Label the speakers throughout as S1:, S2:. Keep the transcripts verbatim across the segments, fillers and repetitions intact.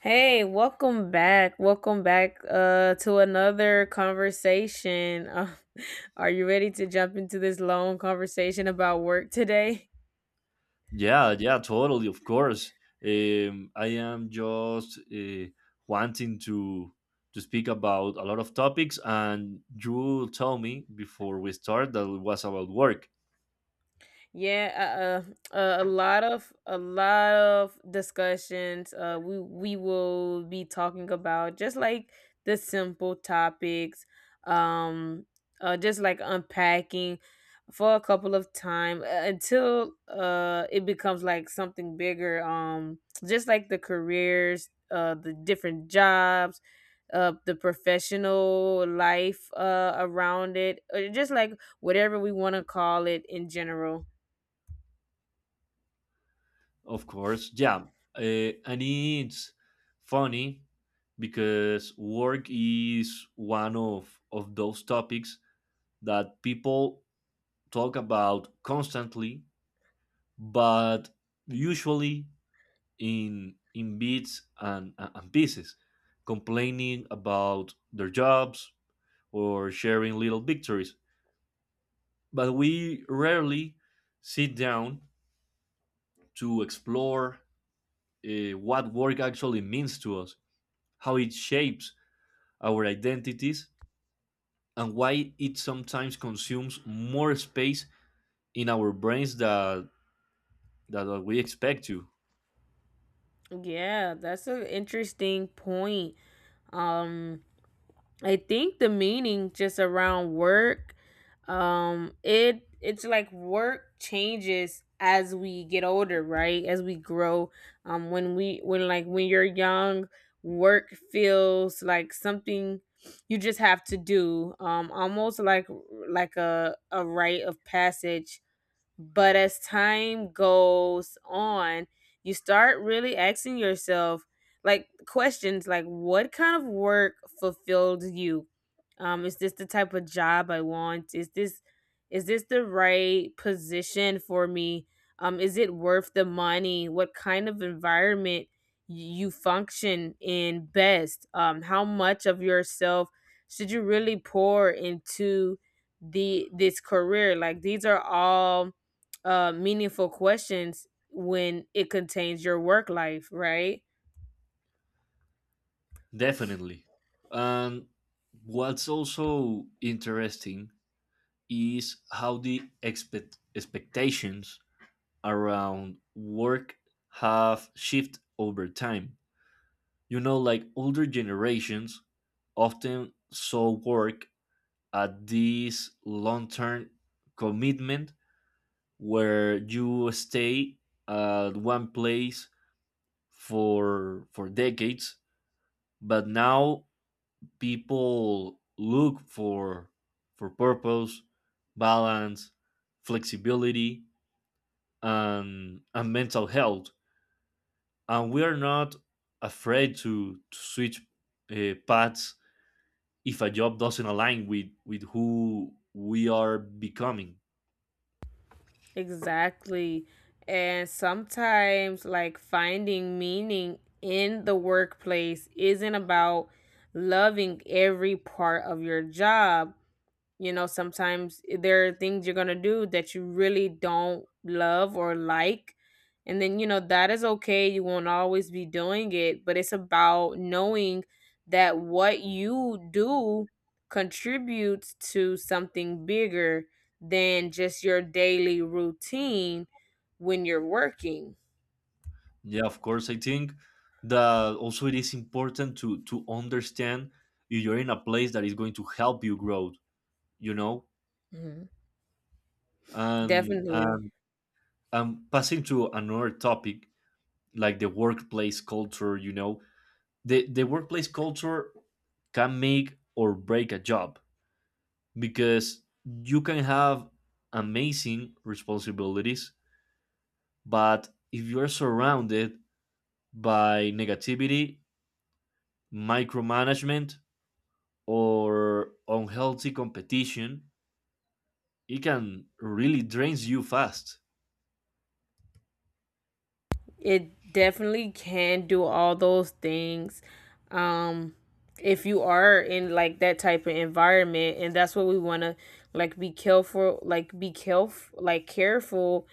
S1: Hey, welcome back. Welcome back uh to another conversation. Uh, are you ready to jump into this long conversation about work today?
S2: Yeah, yeah, totally, of course. Um, I am just uh, wanting to to speak about a lot of topics, and you told me before we start that it was about work.
S1: Yeah, uh, uh, a lot of a lot of discussions. Uh, we we will be talking about just like the simple topics, um, uh, just like unpacking for a couple of time uh, until uh it becomes like something bigger. Um, just like the careers, uh, the different jobs, uh, the professional life, uh, around it, or just like whatever we want to call it in general.
S2: Of course, yeah, uh, and it's funny because work is one of of those topics that people talk about constantly, but usually in in bits and, and pieces, complaining about their jobs or sharing little victories. But we rarely sit down to explore uh, what work actually means to us, how it shapes our identities, and why it sometimes consumes more space in our brains that that we expect to.
S1: Yeah, that's an interesting point. Um, I think the meaning just around work, um, it it's like work changes as we get older, right? As we grow, um, when we when like when you're young, work feels like something you just have to do, um, almost like like a a rite of passage, but as time goes on, you start really asking yourself like questions like what kind of work fulfills you? Um, is this the type of job I want? Is this is this the right position for me? Um, is it worth the money? What kind of environment y- you function in best? Um, how much of yourself should you really pour into the this career? Like these are all uh, meaningful questions when it contains your work life, right?
S2: Definitely, and what's also interesting is how the expect- expectations around work have shifted over time. You know, like older generations often saw work at this long term commitment where you stay at one place for for decades, but now people look for for purpose, balance, flexibility, and and mental health, and we are not afraid to, to switch uh, paths if a job doesn't align with with who we are becoming.
S1: Exactly. And sometimes, like, finding meaning in the workplace isn't about loving every part of your job. You know, sometimes eh, there are things you're going to do that you really don't love or like. And then, you know, that is okay. You won't always be doing it, but it's about knowing that what you do contributes to something bigger than just your daily routine when you're working.
S2: Yeah, of course. I think that also it is important to to understand if you're in a place that is going to help you grow, you know.
S1: Mhm.
S2: and
S1: Definitely.
S2: and, and passing to another topic, like the workplace culture, you know, the the workplace culture can make or break a job because you can have amazing responsibilities, but if you're surrounded by negativity, micromanagement, or unhealthy competition, it can really drains you fast.
S1: It definitely can do all those things. Um if you are in like that type of environment, and that's what we want to, like, be careful like be careful like careful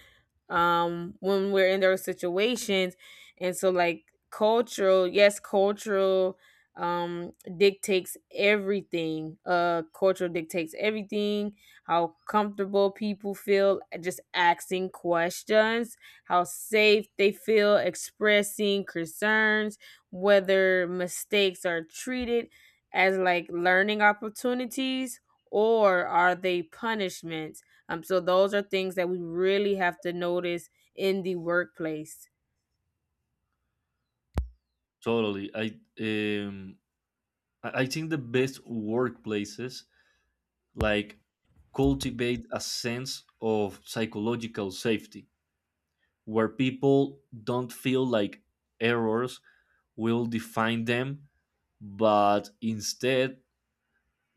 S1: um when we're in those situations. And so, like, cultural, yes, cultural um dictates everything. Uh cultural dictates everything: how comfortable people feel just asking questions, how safe they feel expressing concerns, whether mistakes are treated as like learning opportunities or are they punishments. um, so those are things that we really have to notice in the workplace.
S2: Totally. I um, I I think the best workplaces like cultivate a sense of psychological safety where people don't feel like errors will define them, but instead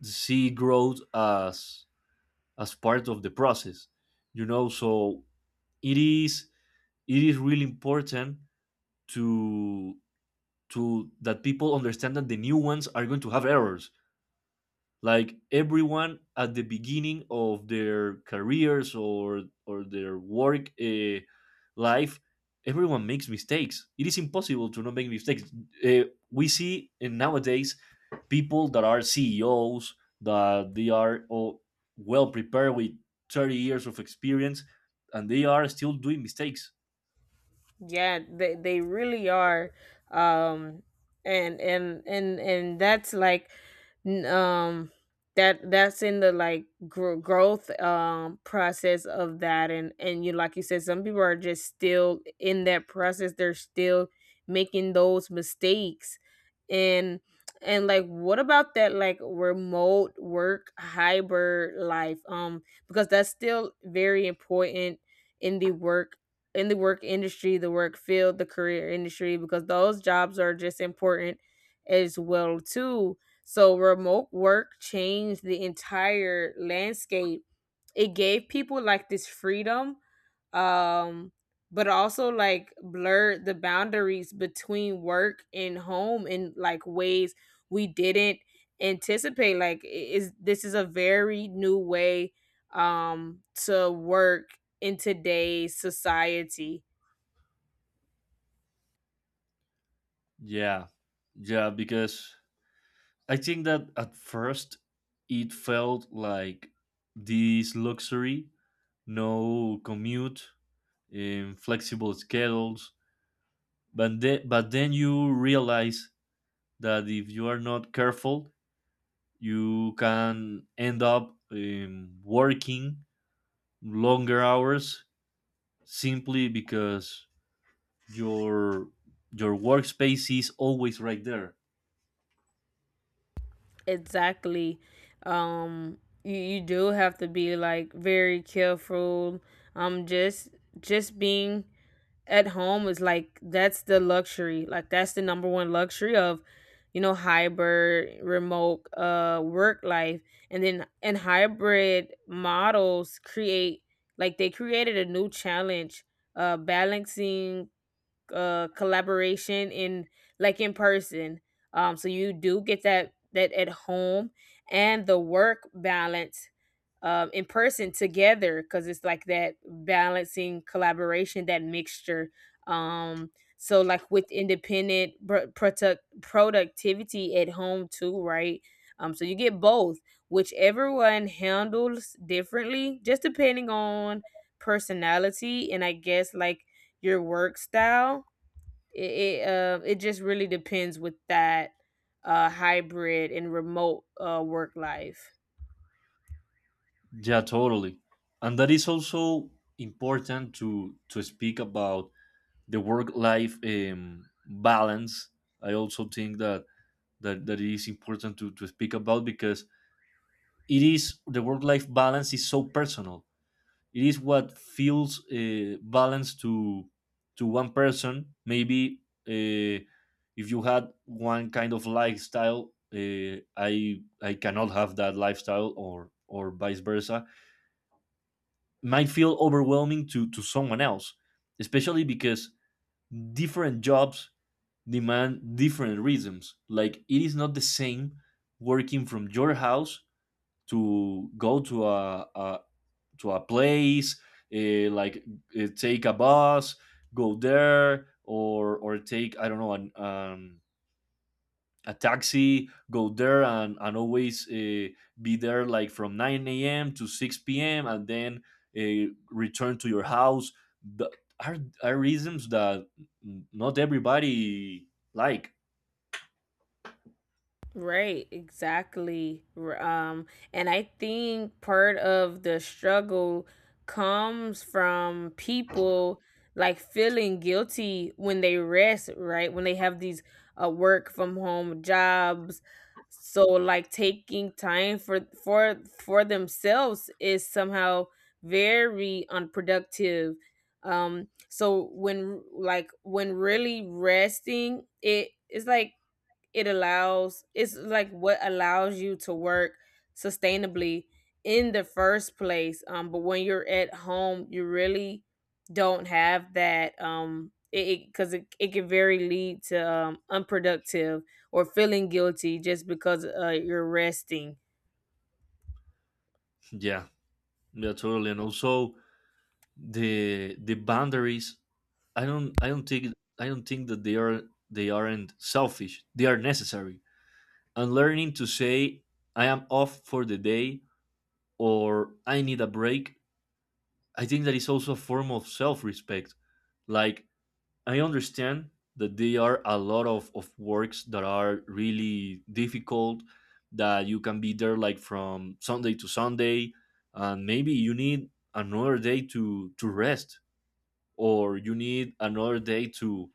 S2: see growth as as part of the process, you know. So it is it is really important to to that people understand that the new ones are going to have errors, like everyone at the beginning of their careers or or their work uh, life. Everyone makes mistakes. It is impossible to not make mistakes. uh, we see in nowadays people that are ceos, that they are all well prepared with thirty years of experience, and they are still doing mistakes.
S1: Yeah, they they really are. Um and and and and that's like n- um that that's in the like gr- growth um process of that. And and you, like you said, some people are just still in that process. They're still making those mistakes. And and like what about that, like remote work, hybrid life? Um because that's still very important in the work, in the work industry, the work field, the career industry, because those jobs are just important as well too. So remote work changed the entire landscape. It gave people like this freedom, um but also like blurred the boundaries between work and home in like ways we didn't anticipate. Like I- is this is a very new way um to work in today's society.
S2: Yeah, yeah, because I think that at first it felt like this luxury: no commute, um, flexible schedules. But, the- but then you realize that if you are not careful, you can end up um, working longer hours simply because your your workspace is always right there.
S1: Exactly. um you, you do have to be like very careful. um just just being at home is like, that's the luxury, like that's the number one luxury of, you know, hybrid remote uh work life. And then, and hybrid models create, like they created a new challenge: uh balancing uh collaboration in, like, in person. Um so you do get that, that at home, and the work balance um in person together, because it's like that balancing collaboration, that mixture. um so like with independent pro- product productivity at home too, right? Um so you get both, which everyone handles differently just depending on personality and, I guess, like your work style. It it, uh, it just really depends with that uh hybrid and remote uh work life.
S2: Yeah, totally. And that is also important to to speak about the work life um, balance. I also think that that, that it is important to, to speak about, because it is the work life balance is so personal. It is what feels uh, balanced to to one person. Maybe uh, if you had one kind of lifestyle, uh, i i cannot have that lifestyle, or or vice versa. Might feel overwhelming to to someone else, especially because different jobs demand different rhythms. Like, it is not the same working from your house to go to a, a to a place, uh, like uh, take a bus, go there, or or take, I don't know, an, um, a taxi, go there, and and always uh, be there like from nine a m to six p m and then uh, return to your house. The, are are reasons that not everybody like.
S1: Right, exactly. R- Um, and I think part of the struggle comes from people like feeling guilty when they rest, right? When they have these uh, work from home jobs. So like taking time for for for themselves is somehow very unproductive. Um so when like when really resting, it is like it allows, it's like what allows you to work sustainably in the first place. Um but when you're at home you really don't have that. um it because it, 'cause it, it can very lead to um unproductive or feeling guilty just because uh you're resting.
S2: Yeah. Yeah, totally. And also the the boundaries. I don't. I don't think. I don't think that they are. They aren't selfish. They are necessary. And learning to say, "I am off for the day," or "I need a break." I think that is also a form of self-respect. Like, I understand that there are a lot of of works that are really difficult, that you can be there like from Sunday to Sunday, and maybe you need another day to to rest, or you need another day to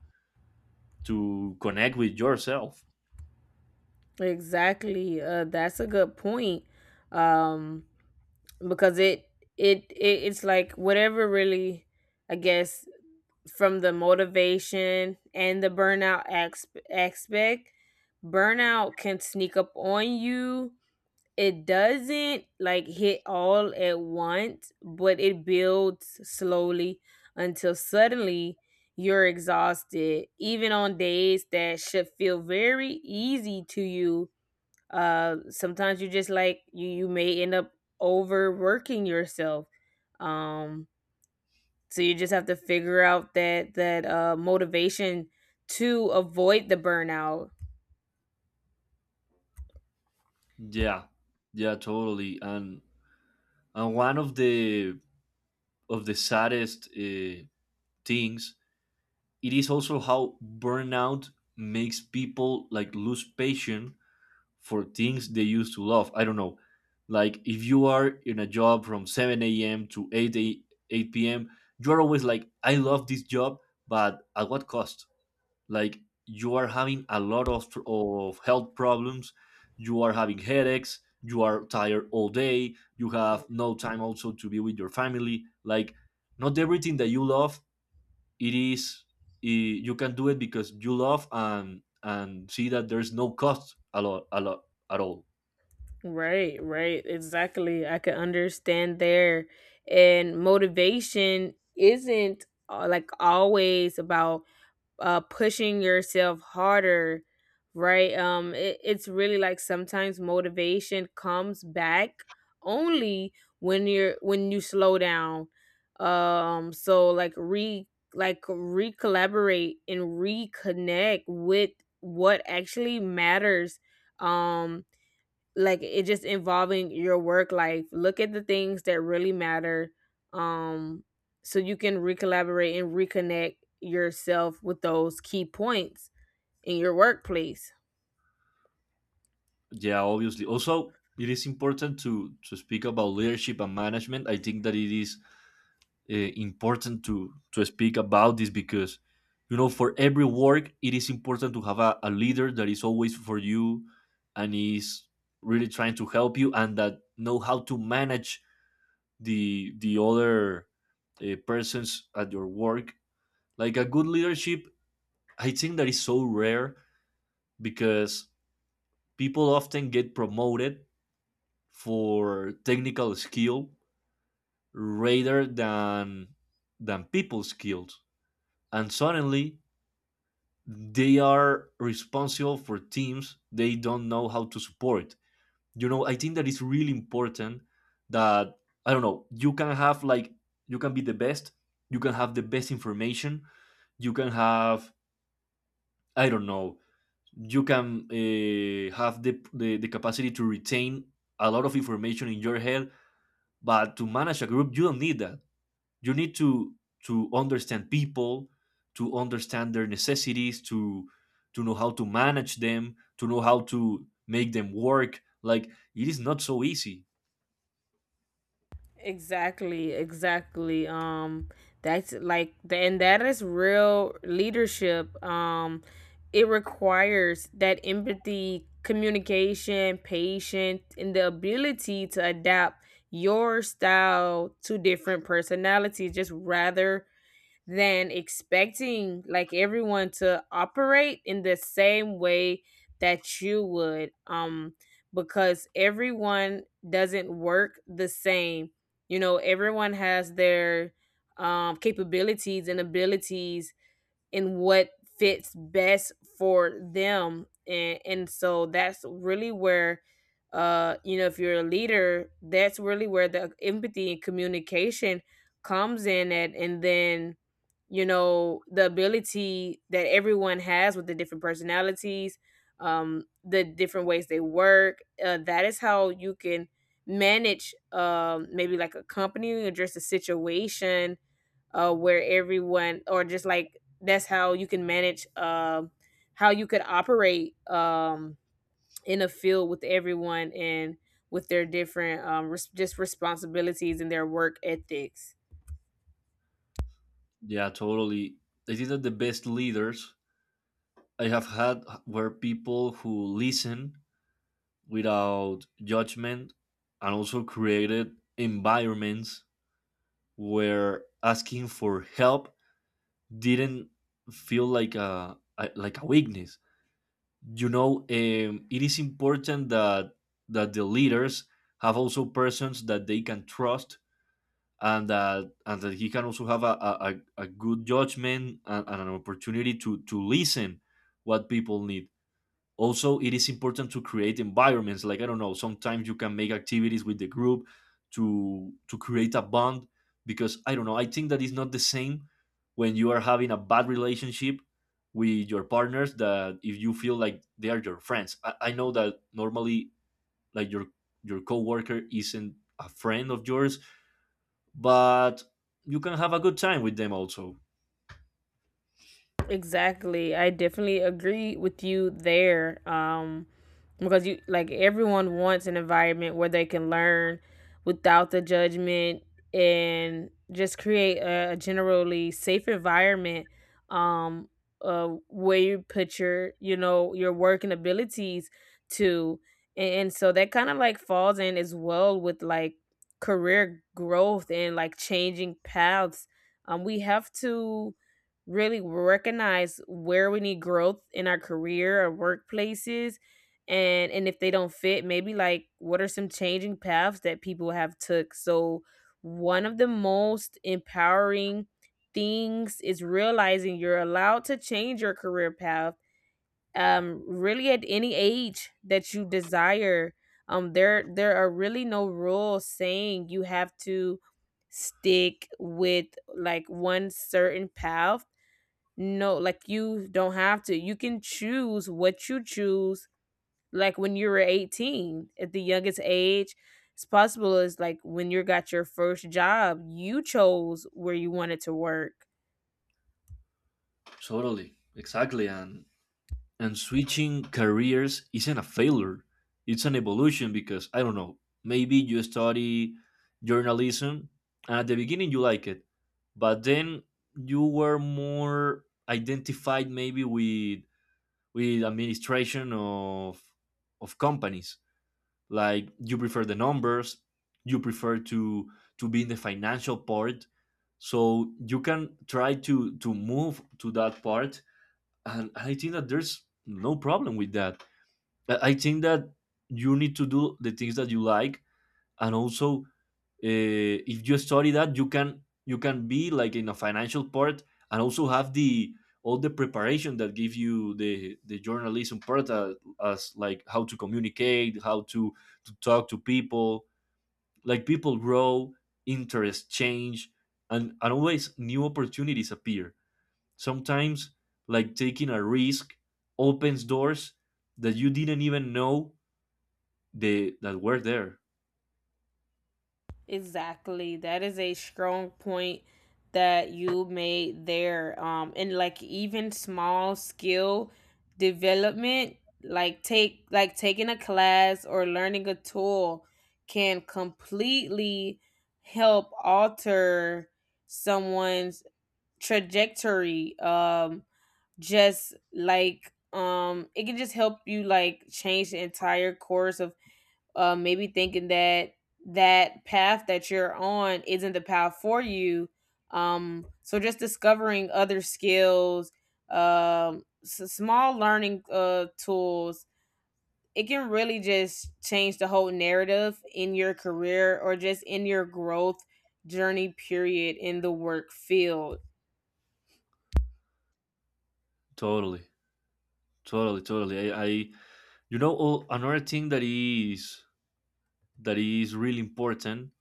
S2: to connect with yourself.
S1: Exactly. Uh that's a good point. um because it it, it it's like whatever, really, I guess. From the motivation and the burnout, ex- aspect, burnout can sneak up on you. It doesn't like hit all at once, but it builds slowly until suddenly you're exhausted even on days that should feel very easy to you. Uh sometimes you just like, you you may end up overworking yourself. um so you just have to figure out that that uh, motivation to avoid the burnout.
S2: Yeah, yeah, totally. And and one of the of the saddest uh, things, it is also how burnout makes people like lose patience for things they used to love. I don't know, like if you are in a job from seven a m to eight a, eight p m, you're always like, "I love this job." But at what cost? Like, you are having a lot of, of health problems, you are having headaches, you are tired all day, you have no time also to be with your family. Like, not everything that you love, it is, i- you can do it because you love, and and see that there's no cost a lot a lot at all.
S1: Right, right, exactly. I can understand there, and motivation isn't uh, like always about uh pushing yourself harder, right? Um it, it's really like sometimes motivation comes back only when you're, when you slow down. um so like re like recollaborate and reconnect with what actually matters. um like it just, involving your work life, look at the things that really matter. um so you can recollaborate and reconnect yourself with those key points in your workplace.
S2: Yeah, obviously, also it is important to to speak about leadership and management. I think that it is uh, important to to speak about this, because you know, for every work it is important to have a, a leader that is always for you and is really trying to help you, and that know how to manage the the other uh, persons at your work. Like, a good leadership, I think that is so rare, because people often get promoted for technical skill rather than than people skills, and suddenly they are responsible for teams they don't know how to support. You know, I think that it's really important that, I don't know, you can have, like, you can be the best, you can have the best information, you can have, I don't know, you can uh, have the, the the capacity to retain a lot of information in your head, but to manage a group you don't need that. You need to to understand people, to understand their necessities, to to know how to manage them, to know how to make them work. Like, it is not so easy.
S1: Exactly, exactly. Um that's like the, and that is real leadership. Um it requires that empathy, communication, patience, and the ability to adapt your style to different personalities, just rather than expecting like everyone to operate in the same way that you would. Um because everyone doesn't work the same. You know, everyone has their um capabilities and abilities, and what fits best for them. And and so that's really where, uh you know, if you're a leader, that's really where the empathy and communication comes in at. And then, you know, the ability that everyone has with the different personalities, um the different ways they work, uh, that is how you can manage, um maybe like a company or just a situation uh where everyone, or just like, that's how you can manage, um how you could operate, um in a field with everyone and with their different um res- just responsibilities and their work ethics.
S2: Yeah, totally. I think that the best leaders I have had were people who listen without judgment, and also created environments where asking for help didn't feel like a, a like a weakness, you know. Um, it is important that that the leaders have also persons that they can trust, and that, and that he can also have a, a, a a good judgment, and, and an opportunity to to listen what people need. Also, it is important to create environments. Like, I don't know, sometimes you can make activities with the group to to create a bond, because, I don't know, I think that it's not the same when you are having a bad relationship with your partners, that if you feel like they are your friends. I, I know that normally, like, your your coworker isn't a friend of yours, but you can have a good time with them also.
S1: Exactly. I definitely agree with you there. Um, because you, like, everyone wants an environment where they can learn without the judgment, and just create a, a generally safe environment, um uh where you put your, you know, your work and abilities to. and, and, so that kind of like falls in as well with like career growth and like changing paths. Um we have to really recognize where we need growth in our career or workplaces, and and if they don't fit, maybe like what are some changing paths that people have took. So one of the most empowering things is realizing you're allowed to change your career path, um really at any age that you desire. Um there there are really no rules saying you have to stick with like one certain path. No, like you don't have to. You can choose what you choose. Like when you were eighteen, at the youngest age, it's possible, is like when you got your first job, you chose where you wanted to work.
S2: Totally, exactly. And and switching careers isn't a failure, it's an evolution. Because, I don't know, maybe you study journalism, and at the beginning you like it, but then you were more identified maybe with with administration of of companies. Like, you prefer the numbers, you prefer to to be in the financial part, so you can try to to move to that part, and I think that there's no problem with that. I I think that you need to do the things that you like, and also, uh, if you study that, you can, you can be like in a financial part, and also have the all the preparation that give you the the journalism part, uh, as like how to communicate, how to to talk to people. Like, people grow, interests change, and, and always new opportunities appear. Sometimes, like taking a risk opens doors that you didn't even know they that were there.
S1: Exactly. That is a strong point that you made there. Um, and like even small skill development, like take like taking a class or learning a tool, can completely help alter someone's trajectory. Um, just like, um it can just help you like change the entire course of, uh, maybe thinking that that path that you're on isn't the path for you. Um, so just discovering other skills, um, s- small learning uh, tools, it can really just change the whole narrative in your career or just in your growth journey, period, in the work field.
S2: Totally, totally, totally. I, I you know, all, another thing that is, that is really important,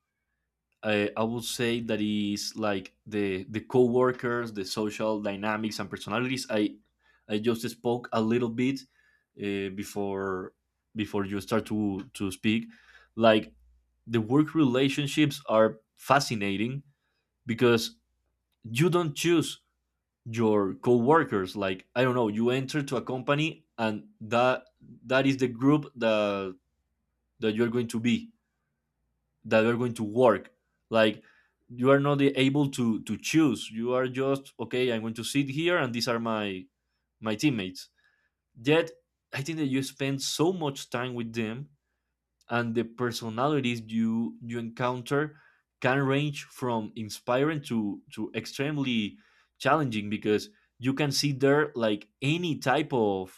S2: I, I would say, that is like the the co-workers, the social dynamics and personalities. I I just spoke a little bit uh, before, before you start to to speak. Like, the work relationships are fascinating because you don't choose your co-workers. Like I don't know, you enter to a company and that that is the group that that you're going to be that are going to work like you are not able to to choose. You are just okay, I'm going to sit here and these are my my teammates, yet I think that you spend so much time with them, and the personalities you you encounter can range from inspiring to to extremely challenging, because you can see there like any type of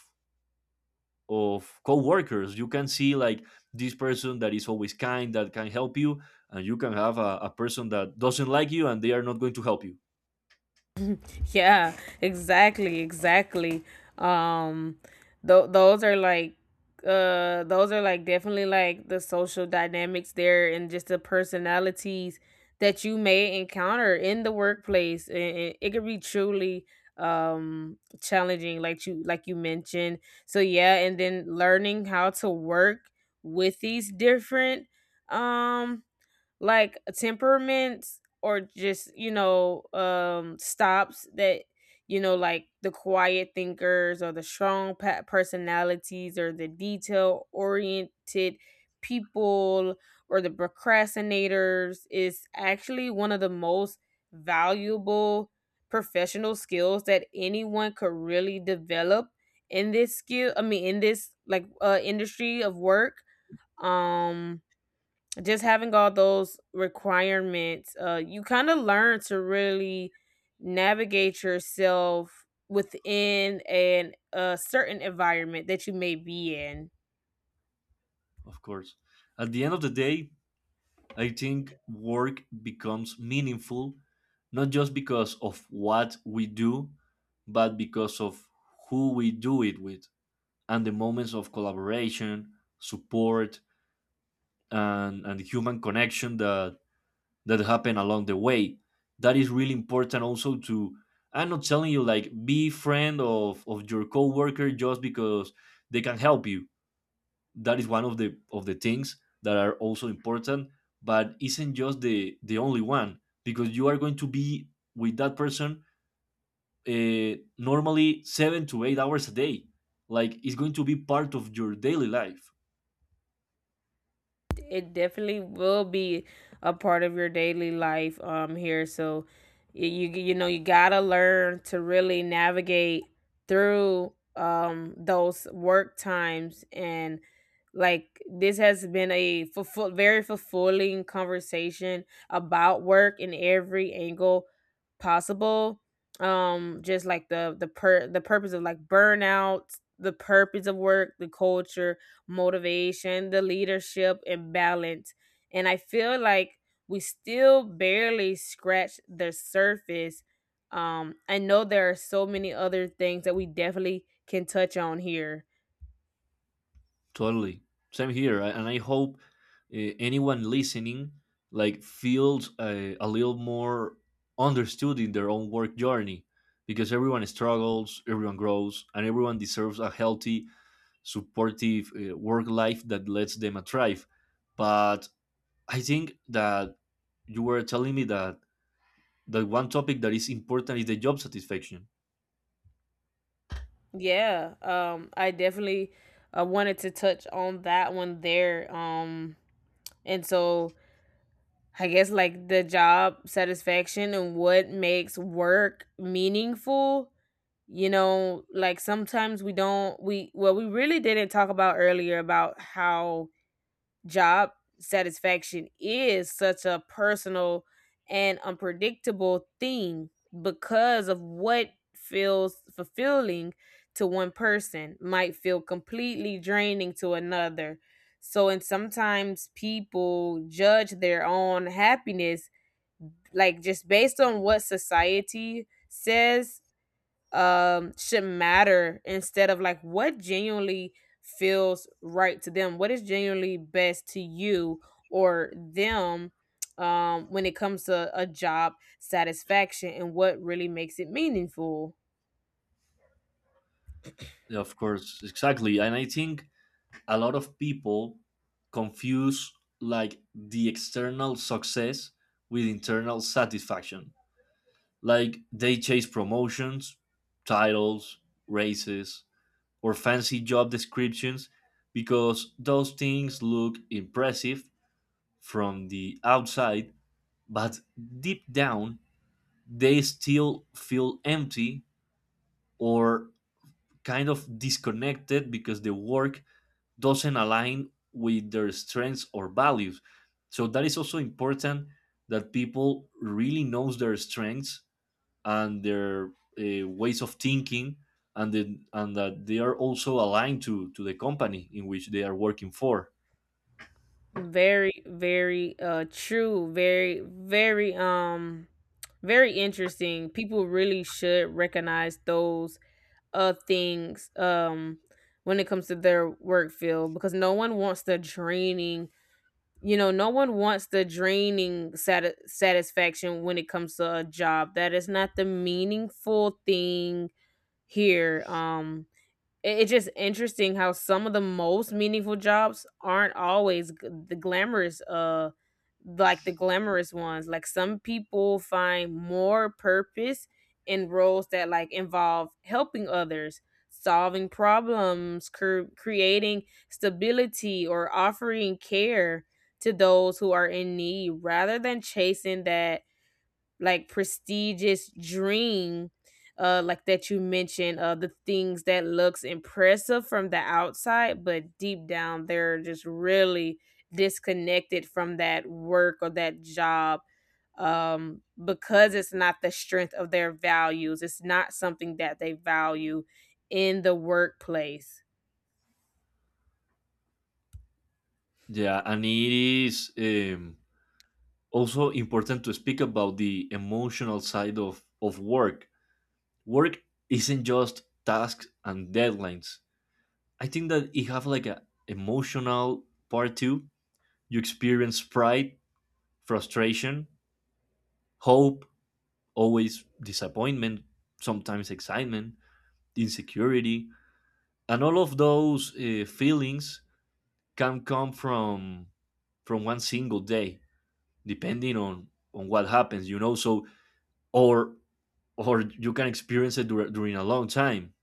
S2: of co-workers. You can see like this person that is always kind that can help you, and you can have a, a person that doesn't like you and they are not going to help you.
S1: Yeah, exactly, exactly. Um, th- those are like, uh those are like definitely like the social dynamics there and just the personalities that you may encounter in the workplace. And it, could be truly um challenging, like you, like you mentioned. So yeah, and then learning how to work with these different um like temperaments, or just, you know, um stops, that, you know, like the quiet thinkers, or the strong pa- personalities, or the detail oriented people, or the procrastinators, is actually one of the most valuable professional skills that anyone could really develop in this skill, I mean in this like uh industry of work. um just having all those requirements, uh, you kind of learn to really navigate yourself within an, a certain environment that you may be in.
S2: Of course, at the end of the day, I think work becomes meaningful not just because of what we do, but because of who we do it with, and the moments of collaboration, support, and, and human connection that that happen along the way. That is really important also to, I'm not telling you like be friend of of your coworker just because they can help you. That is one of the of the things that are also important, but isn't just the the only one, because you are going to be with that person uh, normally seven to eight hours a day. Like it's going to be part of your daily life.
S1: It definitely will be a part of your daily life um here. So y- you you know you got to learn to really navigate through um those work times. And like this has been a fulfill, very fulfilling conversation about work in every angle possible. Um just like the the per the purpose of like burnout, the purpose of work, the culture, motivation, the leadership, and balance. And I feel like we still barely scratch the surface. Um, I know there are so many other things that we definitely can touch on here.
S2: Totally. Same here. I- And I hope uh, anyone listening like feels a, a little more understood in their own work journey, because everyone struggles, everyone grows, and everyone deserves a healthy, supportive uh, work life that lets them thrive. But I think that you were telling me that the one topic that is important is the job satisfaction.
S1: Yeah, um, I definitely uh, wanted to touch on that one there. Um, and so I guess like the job satisfaction and what makes work meaningful, you know, like sometimes we don't we well we really didn't talk about earlier about how job satisfaction is such a personal and unpredictable thing, because of what feels fulfilling to one person might feel completely draining to another. So, and sometimes people judge their own happiness like just based on what society says um should matter, instead of like what genuinely feels right to them, what is genuinely best to you or them, um, when it comes to a job satisfaction and what really makes it meaningful.
S2: Of course, exactly. And I think a lot of people confuse like the external success with internal satisfaction. Like they chase promotions, titles, races, or fancy job descriptions because those things look impressive from the outside, but deep down, they still feel empty or kind of disconnected because the work doesn't align with their strengths or values. So that is also important, that people really knows their strengths and their uh, ways of thinking, and the, and that they are also aligned to to the company in which they are working for.
S1: Very very uh true, very very um very interesting. People really should recognize those uh things, um, when it comes to their work field, because no one wants the draining, you know, no one wants the draining sati- satisfaction when it comes to a job. That is not the meaningful thing here. Um, it- it's just interesting how some of the most meaningful jobs aren't always g- the glamorous uh like the glamorous ones. Like some people find more purpose in roles that like involve helping others, solving problems, cre- creating stability, or offering care to those who are in need, rather than chasing that like prestigious dream, uh like that you mentioned, uh the things that looks impressive from the outside, but deep down they're just really disconnected from that work or that job. Um, because it's not the strength of their values, it's not something that they value in the workplace.
S2: Yeah, and it is um, also important to speak about the emotional side of of work. Work isn't just tasks and deadlines. I think that it have like a emotional part too. You experience pride, frustration, hope, always disappointment, sometimes excitement, insecurity, and all of those uh, feelings can come from from one single day, depending on on what happens, you know. So or or you can experience it dur- during a long time.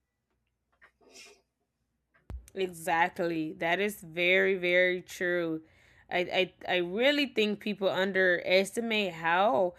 S1: Exactly. That is very, very true. I, I, I really think people underestimate how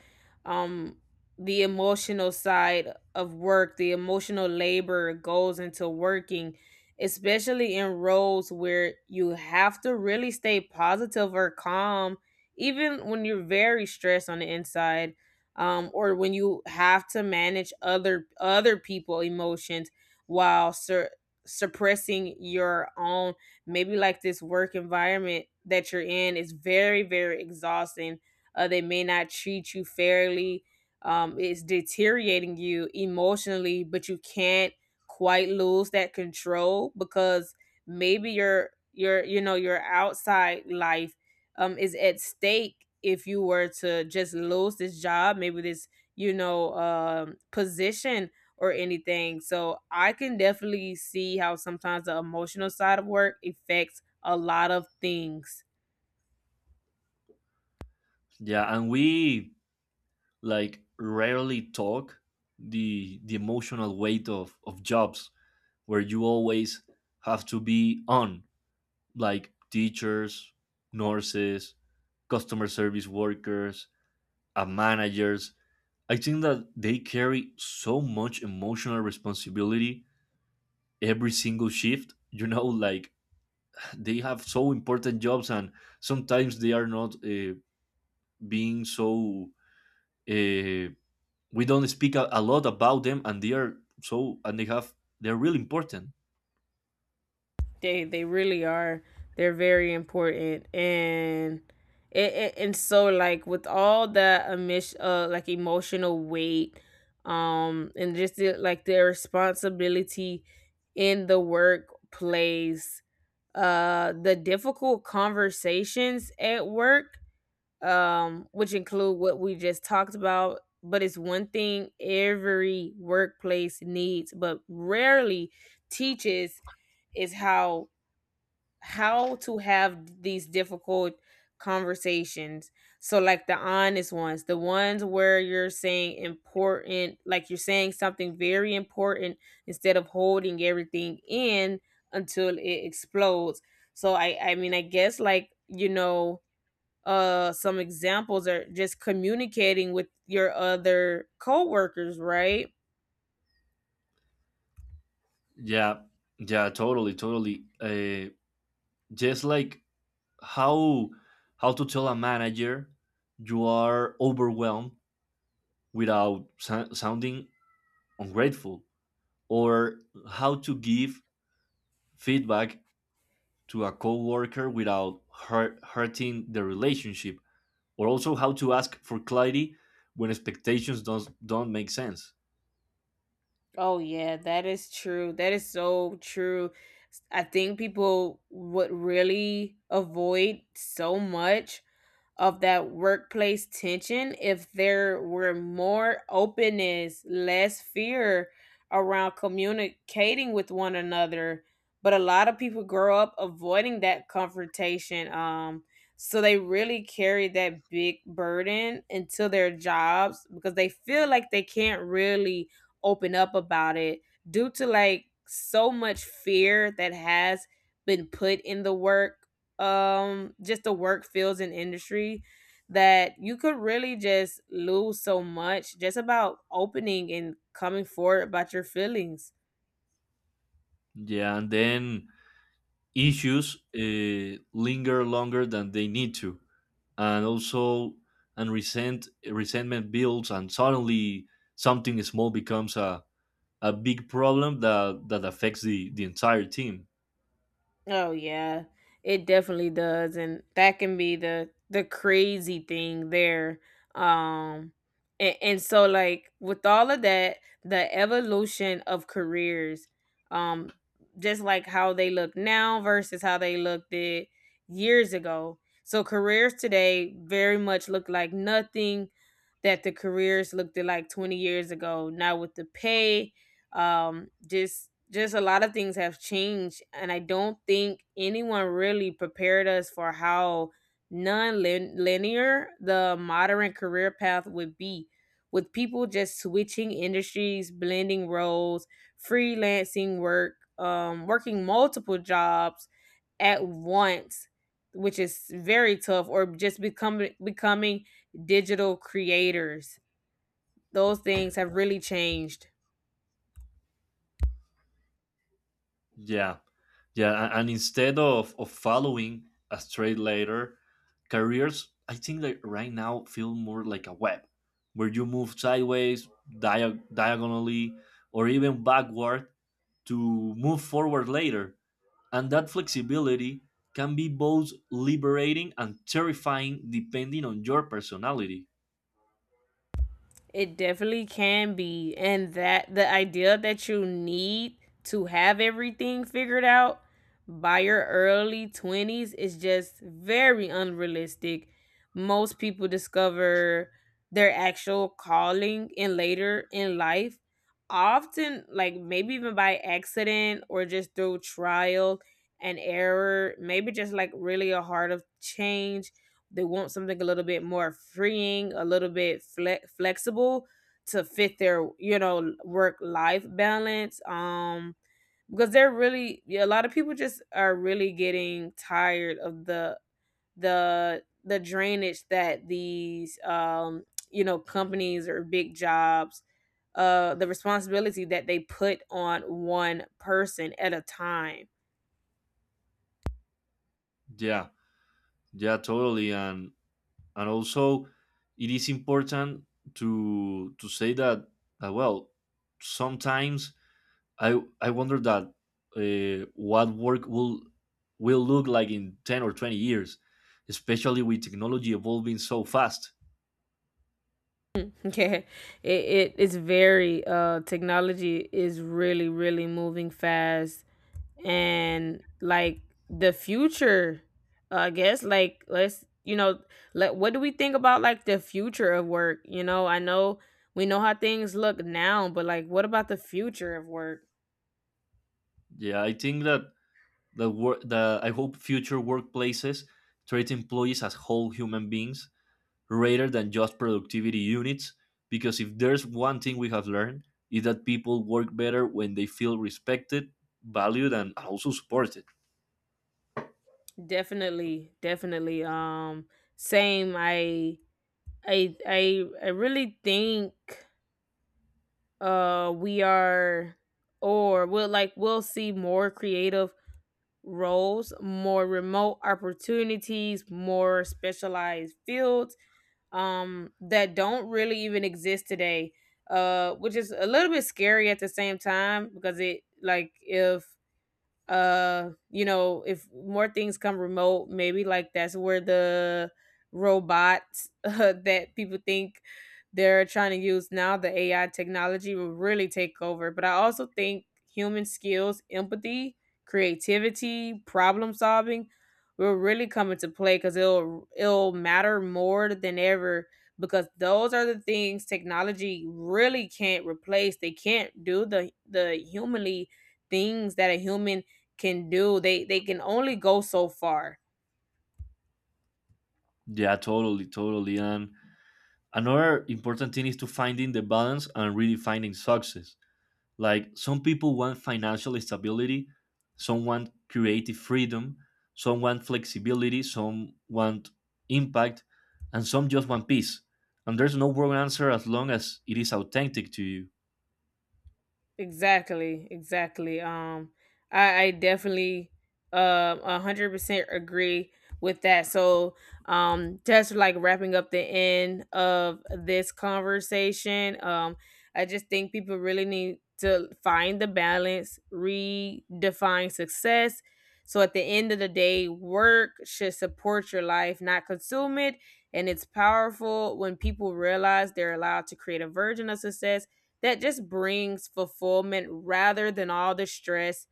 S1: um the emotional side of work, the emotional labor, goes into working, especially in roles where you have to really stay positive or calm, even when you're very stressed on the inside, um, or when you have to manage other other people emotions while sur- suppressing your own. Maybe like this work environment that you're in is very very exhausting, uh, they may not treat you fairly, um, it's deteriorating you emotionally, but you can't quite lose that control because maybe your your you know your outside life, um, is at stake if you were to just lose this job, maybe this, you know, um, position or anything. So I can definitely see how sometimes the emotional side of work affects a lot of things.
S2: Yeah, and we like rarely talk the the emotional weight of of jobs where you always have to be on, like teachers, nurses, customer service workers, uh, managers. I think that they carry so much emotional responsibility every single shift. You know, like they have so important jobs, and sometimes they are not uh, being so. Uh, we don't speak a, a lot about them, and they are so, and they have they're really important.
S1: They they really are. They're very important. And it, it and so, like with all that emis- uh like emotional weight, um, and just the, like the responsibility in the workplace, uh the difficult conversations at work, um, which include what we just talked about. But it's one thing every workplace needs, but rarely teaches, is how how to have these difficult conversations. So like the honest ones, the ones where you're saying important, like you're saying something very important, instead of holding everything in until it explodes. So I I mean, I guess like, you know, uh some examples are just communicating with your other coworkers, right?
S2: Yeah, yeah, totally, totally. Uh, just like how how to tell a manager you are overwhelmed without sou- sounding ungrateful, or how to give feedback to a coworker without hurt, hurting the relationship, or also how to ask for clarity when expectations don't don't make sense.
S1: Oh yeah, that is true. That is so true. S- I think people would really avoid so much of that workplace tension if there were more openness, less fear around communicating with one another. But a lot of people grow up avoiding that confrontation. Um, so they really carry that big burden into their jobs, because they feel like they can't really open up about it due to like so much fear that has been put in the work, um, just the work fields and industry, that you could really just lose so much just about opening and coming forward about your feelings.
S2: Yeah, and then issues uh, linger longer than they need to, and also and resent resentment builds and suddenly something small becomes a, a big problem that that affects the the entire team.
S1: Oh yeah, it definitely does, and that can be the the crazy thing there. Um, and, and so like with all of that, the evolution of careers, um, just like how they look now versus how they looked it years ago. So careers today very much look like nothing that the careers looked at like twenty years ago. Now with the pay, um, just just a lot of things have changed, and I don't think anyone really prepared us for how non-linear the modern career path would be, with people just switching industries, blending roles, freelancing work, um, working multiple jobs at once, which is very tough, or just becoming becoming digital creators. Those things have really changed.
S2: Yeah, yeah, a- and instead of of following a straight ladder, careers I think like right now feel more like a web where you move sideways, dia- diagonally, or even backward to move forward later. And that flexibility can be both liberating and terrifying depending on your personality.
S1: It definitely can be. And that the idea that you need to have everything figured out by your early twenties is just very unrealistic. Most people discover their actual calling in later in life, often like maybe even by accident or just through trial and error. Maybe just like really a heart of change, they want something a little bit more freeing, a little bit fle- flexible, to fit their, you know, work life balance. Um, because they're really, yeah, a lot of people just are really getting tired of the the the drainage that these, um, you know, companies or big jobs, uh the responsibility that they put on one person at a time.
S2: Yeah, yeah, totally. And and also it is important to to say that uh, well, sometimes I I wonder that uh, what work will will look like in ten or twenty years, especially with technology evolving so fast.
S1: Yeah, it, it it is very, uh technology is really really moving fast. And like the future, uh, I guess like, let's, you know, let what do we think about like the future of work? You know, I know we know how things look now, but like what about the future of work?
S2: Yeah, I think that The work, the I hope future workplaces treat employees as whole human beings rather than just productivity units. Because if there's one thing we have learned is that people work better when they feel respected, valued, and also supported.
S1: Definitely, definitely, um same. I I I I really think, uh we are, or we'll, like we'll see more creative roles, more remote opportunities, more specialized fields, um, that don't really even exist today, uh which is a little bit scary at the same time, because it like if, uh you know, if more things come remote, maybe like that's where the robots, uh, that people think they're trying to use now, the ai technology will really take over. But I also think human skills, empathy, creativity, problem solving, will really come into play, because it'll it'll matter more than ever, because those are the things technology really can't replace. They can't do the the humanly things that a human can do. they they can only go so far.
S2: Yeah, totally, totally. And another important thing is to finding the balance and redefining success. Like some people want financial stability, some want creative freedom, some want flexibility, some want impact, and some just want peace. And there's no wrong answer as long as it is authentic to you.
S1: Exactly, exactly. Um, I, I definitely um a hundred percent agree with that. So, um, just like wrapping up the end of this conversation, um, I just think people really need to find the balance, redefine success. So at the end of the day, work should support your life, not consume it. And it's powerful when people realize they're allowed to create a version of success that just brings fulfillment rather than all the stress,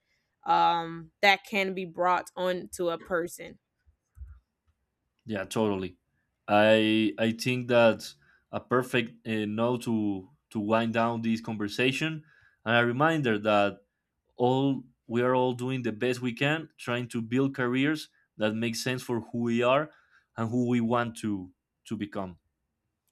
S1: um, that can be brought on to a person.
S2: Yeah, totally. I I think that's a perfect uh, note to to wind down this conversation, and a reminder that all we are all doing the best we can, trying to build careers that make sense for who we are and who we want to to become.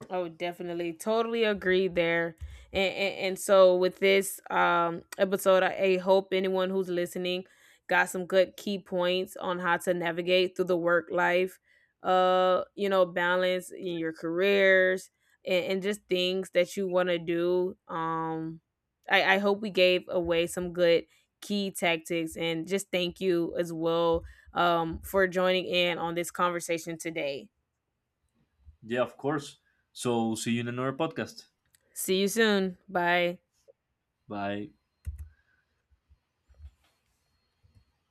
S1: Oh, definitely. Totally agree there. And, and, and so, with this, um, episode, I, I hope anyone who's listening got some good key points on how to navigate through the work life, uh, you know, balance in your careers and, and just things that you want to do. Um, I, I hope we gave away some good key tactics, and just thank you as well, um, for joining in on this conversation today.
S2: Yeah, of course. So see you in another podcast.
S1: See you soon. Bye.
S2: Bye.